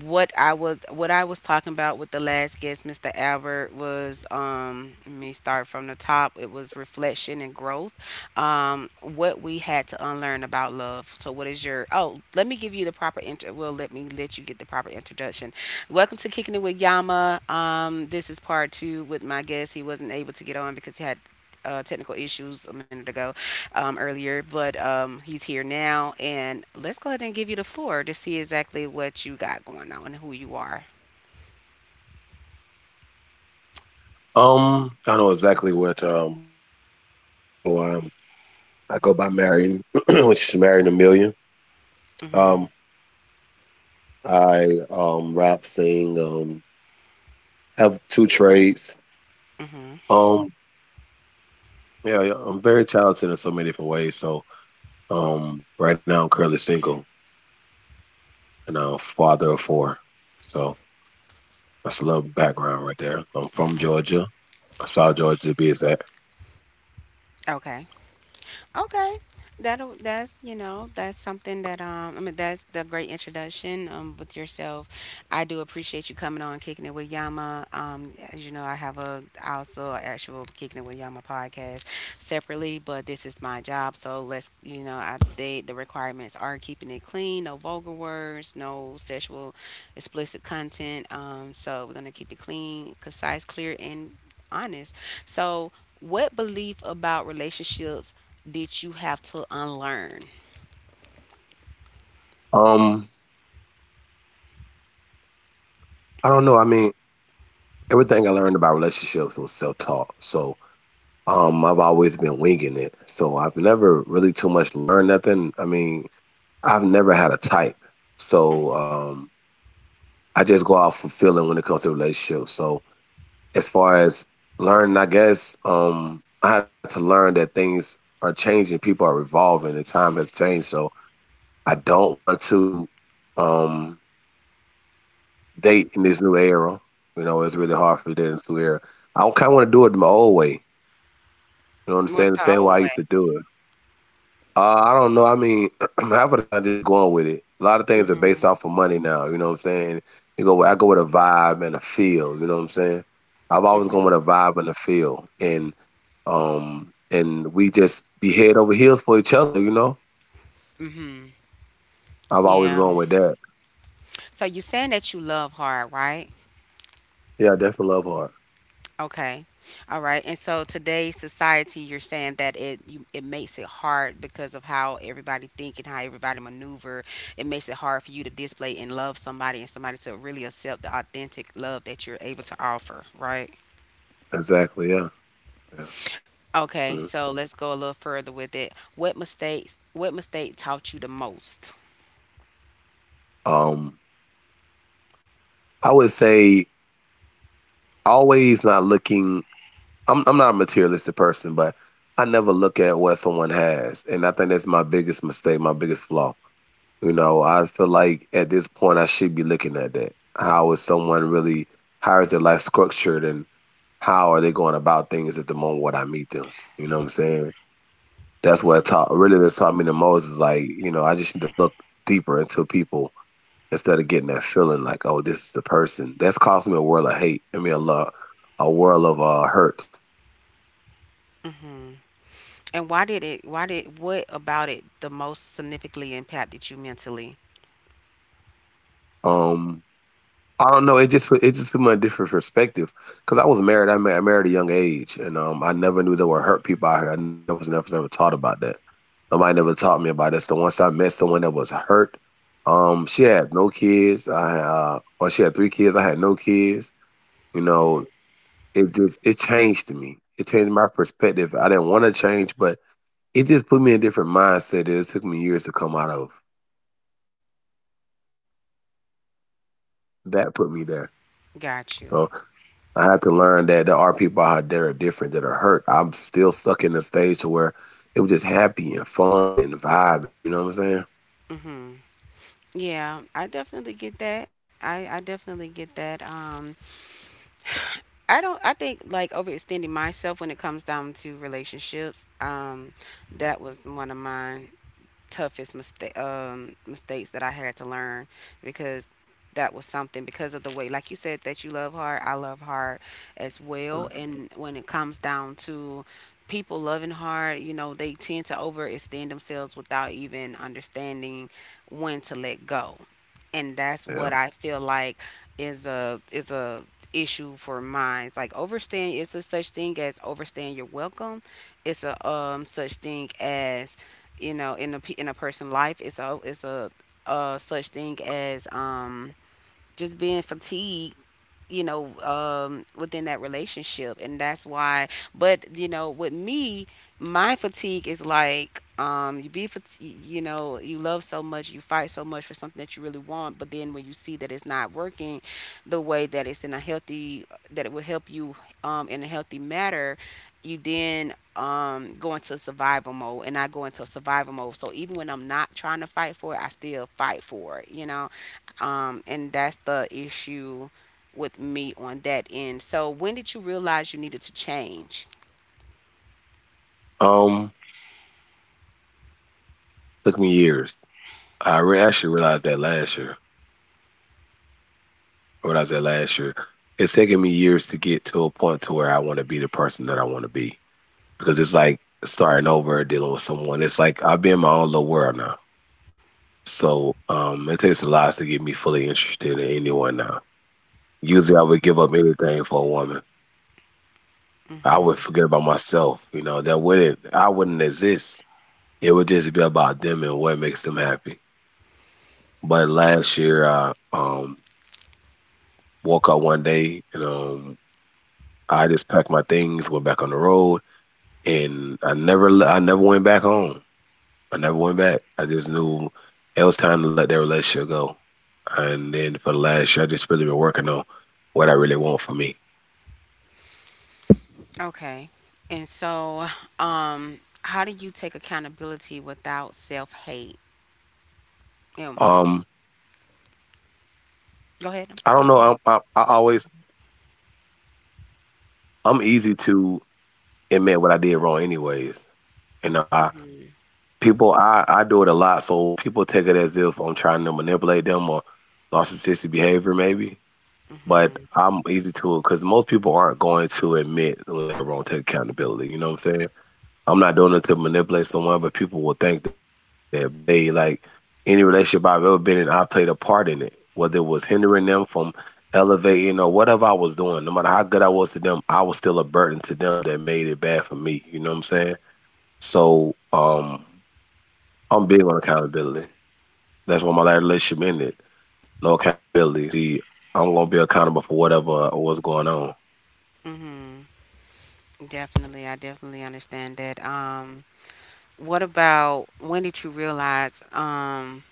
Speaker 1: what I was what I was talking about with the last guest, Mr. Albert, was let me start from the top. It was reflection and growth. What we had to unlearn about love. So what is your oh, let me give you the proper intro well let me let you get the proper introduction. Welcome to Kicking It with Yama. This is part two with my guest. He wasn't able to get on because he had technical issues a minute ago, earlier, but he's here now. And let's go ahead and give you the floor to see exactly what you got going on and who you are.
Speaker 3: I know exactly what I actually want to know. I go by Marion, which is Marion a Million.
Speaker 1: Mm-hmm.
Speaker 3: Um, I rap, sing. Have two trades.
Speaker 1: Mm-hmm.
Speaker 3: Um, yeah, I'm very talented in so many different ways. So, right now I'm currently single and I'm a father of four. So that's a little background right there. I'm from Georgia. South Georgia to be exact.
Speaker 1: Okay. Okay. That'll that's you know that's something that that's the great introduction with yourself. I do appreciate you coming on Kicking It with Yama. As you know, I have a I also a actual Kicking It with Yama podcast separately, but this is my job. So let's you know I they the requirements are keeping it clean, no vulgar words, no sexual explicit content. So we're gonna keep it clean, concise, clear, and honest. So, what belief about relationships did you have to unlearn?
Speaker 3: Um, I don't know. I mean, everything I learned about relationships was self taught. So I've always been winging it. So I've never really too much learned nothing. I mean, I've never had a type. So I just go out for feeling when it comes to relationships. So as far as learning, I guess I had to learn that things are changing, people are evolving, and time has changed. So I don't want to um, date in this new era. You know, it's really hard for me to date in this new era. I kind of want to do it my old way. You know what I'm
Speaker 1: What's
Speaker 3: saying? The
Speaker 1: the
Speaker 3: same way
Speaker 1: old
Speaker 3: I used
Speaker 1: way?
Speaker 3: to do it. I don't know. I mean, half of the time just going with it. A lot of things are based
Speaker 1: Mhm.
Speaker 3: off of money now. You know what I'm saying? You go. I go with a vibe and a feel. You know what I'm saying? I've always gone
Speaker 1: Mhm.
Speaker 3: with a vibe and a feel, and we just be head over heels for each other. You know,
Speaker 1: Mhm.
Speaker 3: I've always
Speaker 1: Yeah.
Speaker 3: gone with that.
Speaker 1: So you're saying that you love hard, right?
Speaker 3: Yeah, I definitely love hard.
Speaker 1: Okay. All right. And so today's society, you're saying it makes it hard because of how everybody think and how everybody maneuver. It makes it hard for you to display and love somebody and somebody to really accept the authentic love that you're able to offer, right?
Speaker 3: Exactly. Yeah. Yeah.
Speaker 1: Okay,
Speaker 3: Mhm.
Speaker 1: so let's go a little further with it. What mistake taught you the most?
Speaker 3: Um, I would say always not looking. I'm not a materialistic person, but I never look at what someone has, and I think that's my biggest mistake, my biggest flaw. You know, I feel like at this point I should be looking at that. How is someone really? How is their life structured, and how are they going about things at the moment when I meet them? You know what I'm saying? That's taught me the most is like, you know, I just need to look deeper into people instead of getting that feeling like, oh, this is the person. That's caused me a world of hate. I mean, a lot, a world of hurt.
Speaker 1: And why did what about it the most significantly impacted you mentally?
Speaker 3: Um, I don't know. It just put me in a different perspective because I was married. I married at a young age, and I never knew there were hurt people out here. I never was never, never taught about that. Nobody never taught me about it. So once I met someone that was hurt, she had no kids. She had three kids. I had no kids. You
Speaker 1: Hmm.
Speaker 3: know, it changed me. It changed my perspective. I didn't want to change, but it just put me in a different mindset that it took me years to come out of. That put me there.
Speaker 1: Got you.
Speaker 3: So I had to learn that there are people out there that are different that are hurt. I'm still stuck in the stage to where it was just happy and fun and vibing. You know what I'm saying?
Speaker 1: Hmm. Yeah, I definitely get that. I definitely get that. I don't. I think like overextending myself when it comes down to relationships. That was one of mine toughest mistake, mistakes that I had to learn because that was something. Because of the way, like you said, that you love hard, I love hard as well. And when it comes down to people loving hard, you know, they tend to overextend themselves without even understanding when to let go, and that's what
Speaker 3: Yeah.
Speaker 1: I feel like is a issue for mine. It's like overstaying, it's a such thing as overstaying your welcome. It's a, such thing as, you know, in a person's life, a such thing as, just being fatigued, you know, within that relationship. And that's why, but you know, with me, my fatigue is like, you you know, you love so much, you fight so much for something that you really want, but then when you see that it's not working the way that it's in a healthy that it will help you, in a healthy manner, you then go into survival mode. And I go into survival mode, so even when I'm not trying to fight for it, I still fight for it, you know. And that's the issue with me on that end. So when did you realize you needed to change?
Speaker 3: Um, took me years. Actually realized that last year. I realized that last year. It's taken me years to get to a point to where I want to be the person that I want to be because it's like starting over, dealing with someone. It's like I've been in my own little world now. So it takes a lot to get me fully interested in anyone now. Usually, I would give up anything for a woman. I
Speaker 1: Mm-hmm.
Speaker 3: would forget about myself. You know that wouldn't I wouldn't exist. It would just be about them and what makes them happy. But last year, I woke up one day and I just packed my things, went back on the road, and I never went back home. I never went back. I just knew it was time to let that relationship go. And then for the last year, I just really been working on what I really want for me.
Speaker 1: Okay. And so, how do you take accountability without self hate? Um,
Speaker 3: Um,
Speaker 1: go ahead.
Speaker 3: I don't
Speaker 1: I'm here.
Speaker 3: know. I always I'm easy to admit what I did wrong, anyways. You know, I people I do it a lot, so people take it as if I'm trying to manipulate them or narcissistic behavior, maybe. But
Speaker 1: Mhm.
Speaker 3: I'm easy to it because most people aren't going to admit when they're wrong, take accountability. You know what I'm saying? I'm not doing it to manipulate someone, but people will think that. But I'll say like any relationship I've ever been in, I played a part in it, whether it was hindering them from elevating or whatever I was doing. No matter how good I was to them, I was still a burden to them that made it bad for me. You know what I'm saying? So I'm big on accountability. That's why my last relationship ended. No accountability. See, I'm gonna be accountable for whatever was going on.
Speaker 1: Mhm. Definitely. I definitely understand that. What about when did you realize?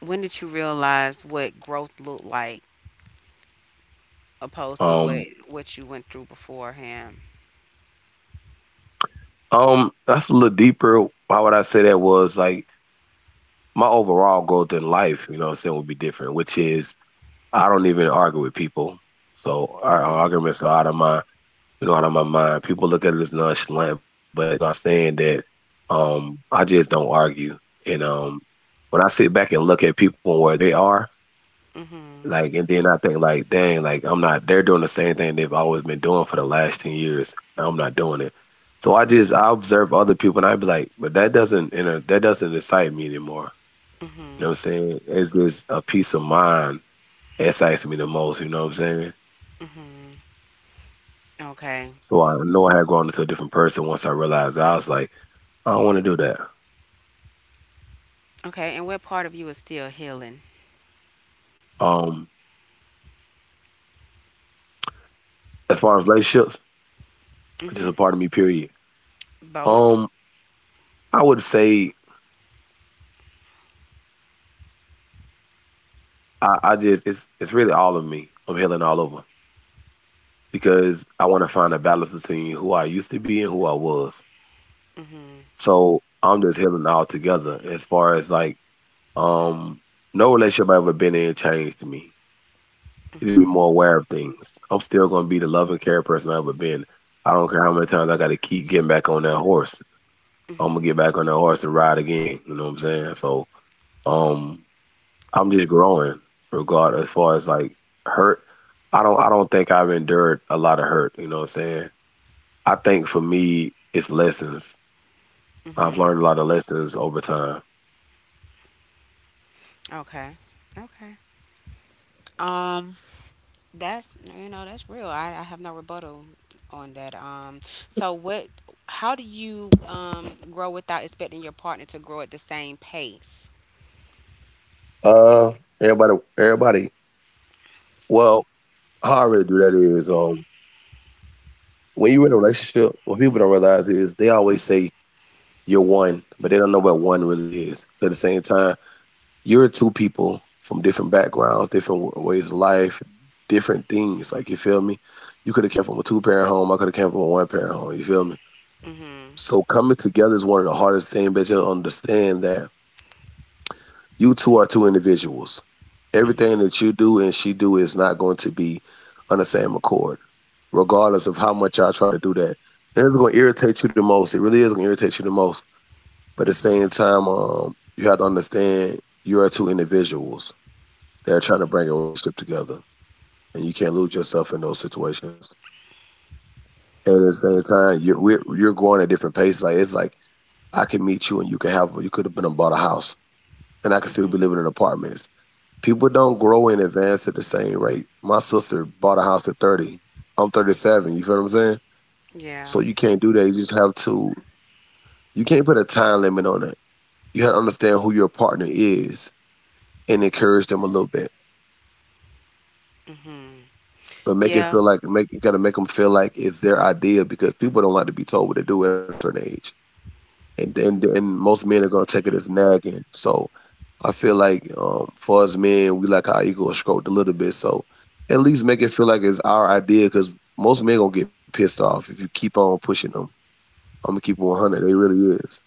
Speaker 1: When did you realize what growth looked like opposed to
Speaker 3: Um,
Speaker 1: what you went through beforehand?
Speaker 3: that's a little deeper. Why would I say that was like my overall growth in life, you know what I'm saying, would be different, which is I don't even argue with people. So our
Speaker 1: Mhm.
Speaker 3: arguments are out of my you know, out of my mind. People look at it as nonchalant, but you understand that I just don't argue. And when I sit back and look at people where they are,
Speaker 1: Mhm.
Speaker 3: like and then I think like, dang, like I'm not they're doing the same thing they've always been doing for the last 10 years and I'm not doing it. So I observe other people and I'd be like, but that doesn't you know, that doesn't excite me anymore. You know
Speaker 1: Mhm.
Speaker 3: what I'm saying? It's just a peace of mind that excites me the most, you know what I'm saying?
Speaker 1: Mhm. Okay.
Speaker 3: So I know I had grown into a different person once I realized that. I was like, I don't want to do that.
Speaker 1: Okay, and what part of you is still healing?
Speaker 3: Um, as far as relationships, it's just
Speaker 1: Mm-hmm.
Speaker 3: a part of me, period.
Speaker 1: Both.
Speaker 3: Um, I would say I just it's really all of me. I'm healing all over because I want to find a balance between who I used to be and who I was. So I'm just healing all together as far as like um no relationship I've ever been in changed me. It just made me more aware of things. I'm still going to be the love and care person I've ever been. I don't care how many times I got to keep getting back on that horse. I'm gonna get back on that horse and ride again. You know what I'm saying? So, um, I'm just growing. Regard as far as like hurt, I don't. I don't think I've endured a lot of hurt. You know what I'm saying? I think for me, it's lessons. I've
Speaker 1: Mm-hmm.
Speaker 3: learned a lot of lessons over time.
Speaker 1: Okay. Okay. Um, that's, you know, that's real. I have no rebuttal on that. So what? How do you grow without expecting your partner to grow at the same pace?
Speaker 3: Uh, everybody. Well, how I really do that is, when you're in a relationship, what people don't realize is they always say you're one, but they don't know what one really is. But at the same time, you're two people from different backgrounds, different ways of life, different things. Like you feel me? You could have came from a two parent home. I could have came from a one parent home. You feel me?
Speaker 1: Mm-hmm.
Speaker 3: So coming together is one of the hardest things, but you understand that you two are two individuals.
Speaker 1: Mm-hmm.
Speaker 3: Everything that you do and she do is not going to be on the same accord, regardless of how much y'all try to do that. And it's going to irritate you the most. It really is going to irritate you the most. But at the same
Speaker 1: Mm-hmm.
Speaker 3: time, you have to understand you are two individuals that are trying to
Speaker 1: Mm-hmm.
Speaker 3: bring a relationship together, and you can't lose yourself in those situations. And at the same time, you're going at different paces. Like it's like I can meet you, and you could have been and bought a house, and I can still be
Speaker 1: Mm-hmm.
Speaker 3: living in apartments. People don't grow in advance at the same rate. My sister bought a house at 30. I'm 37. You feel what I'm saying?
Speaker 1: Yeah.
Speaker 3: So you can't do that. You just have to, you can't put a time limit on it. You have to understand who your partner is and encourage them a little bit.
Speaker 1: Mm-hmm.
Speaker 3: But make it
Speaker 1: Yeah.
Speaker 3: feel like, make, you got to make them feel like it's their idea because people don't like to be told what to do at a certain age. And most men are gonna take it as nagging. So I feel like for us men, we like our ego stroked a little bit. So at least make it feel like it's our idea, because most men gonna get pissed off if you keep on pushing them. I'm gonna keep it 100. They really is.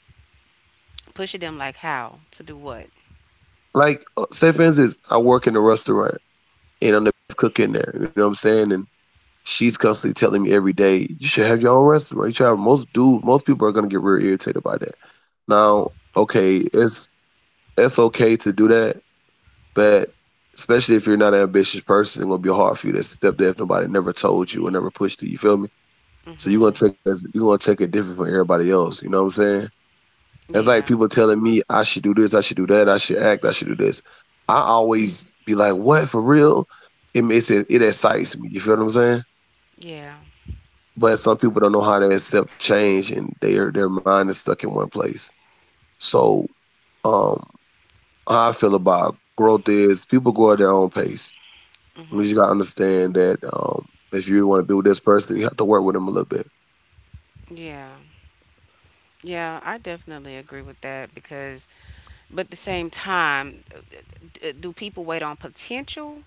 Speaker 1: Pushing them like how to do what?
Speaker 3: Like say for instance, I work in a restaurant and I'm the best cook in there. You know what I'm saying? And she's constantly telling me every day, you should have your own restaurant. You should have most dude. Most people are gonna get real irritated by that. Now, okay, it's okay to do that. But especially if you're not an ambitious person, it's gonna be hard for you to accept that if nobody never told you or never pushed you. You feel me? So
Speaker 1: Mm-hmm.
Speaker 3: you're gonna take it different from everybody else. You know what I'm saying? That's like
Speaker 1: Yeah.
Speaker 3: people telling me I should do this, I should do that, I should act, I should do this. I always be like, "What for real?" It excites me. You feel what I'm saying?
Speaker 1: Yeah.
Speaker 3: But some people don't know how to accept change, and their mind is stuck in one place. So, um, how I feel about growth is people grow at their own pace. We just
Speaker 1: Mm-hmm.
Speaker 3: gotta understand that if you want to build this person, you have to work with them a little bit.
Speaker 1: Yeah. Yeah, I definitely agree with that. Because, but at the same time, do people wait on potential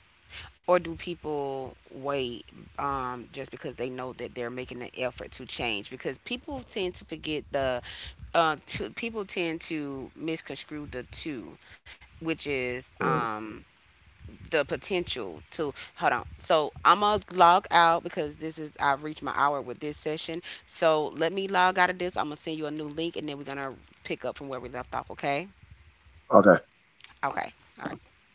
Speaker 1: or do people wait, just because they know that they're making an effort to change? Because people tend to people tend to misconstrue the two, which is,
Speaker 3: Yeah.
Speaker 1: the potential to hold on. So I'm gonna log out because this is I've reached my hour with this session. So let me log out of this. I'm gonna send you a new link, and then we're gonna pick up from where we left off, okay? Okay. All right.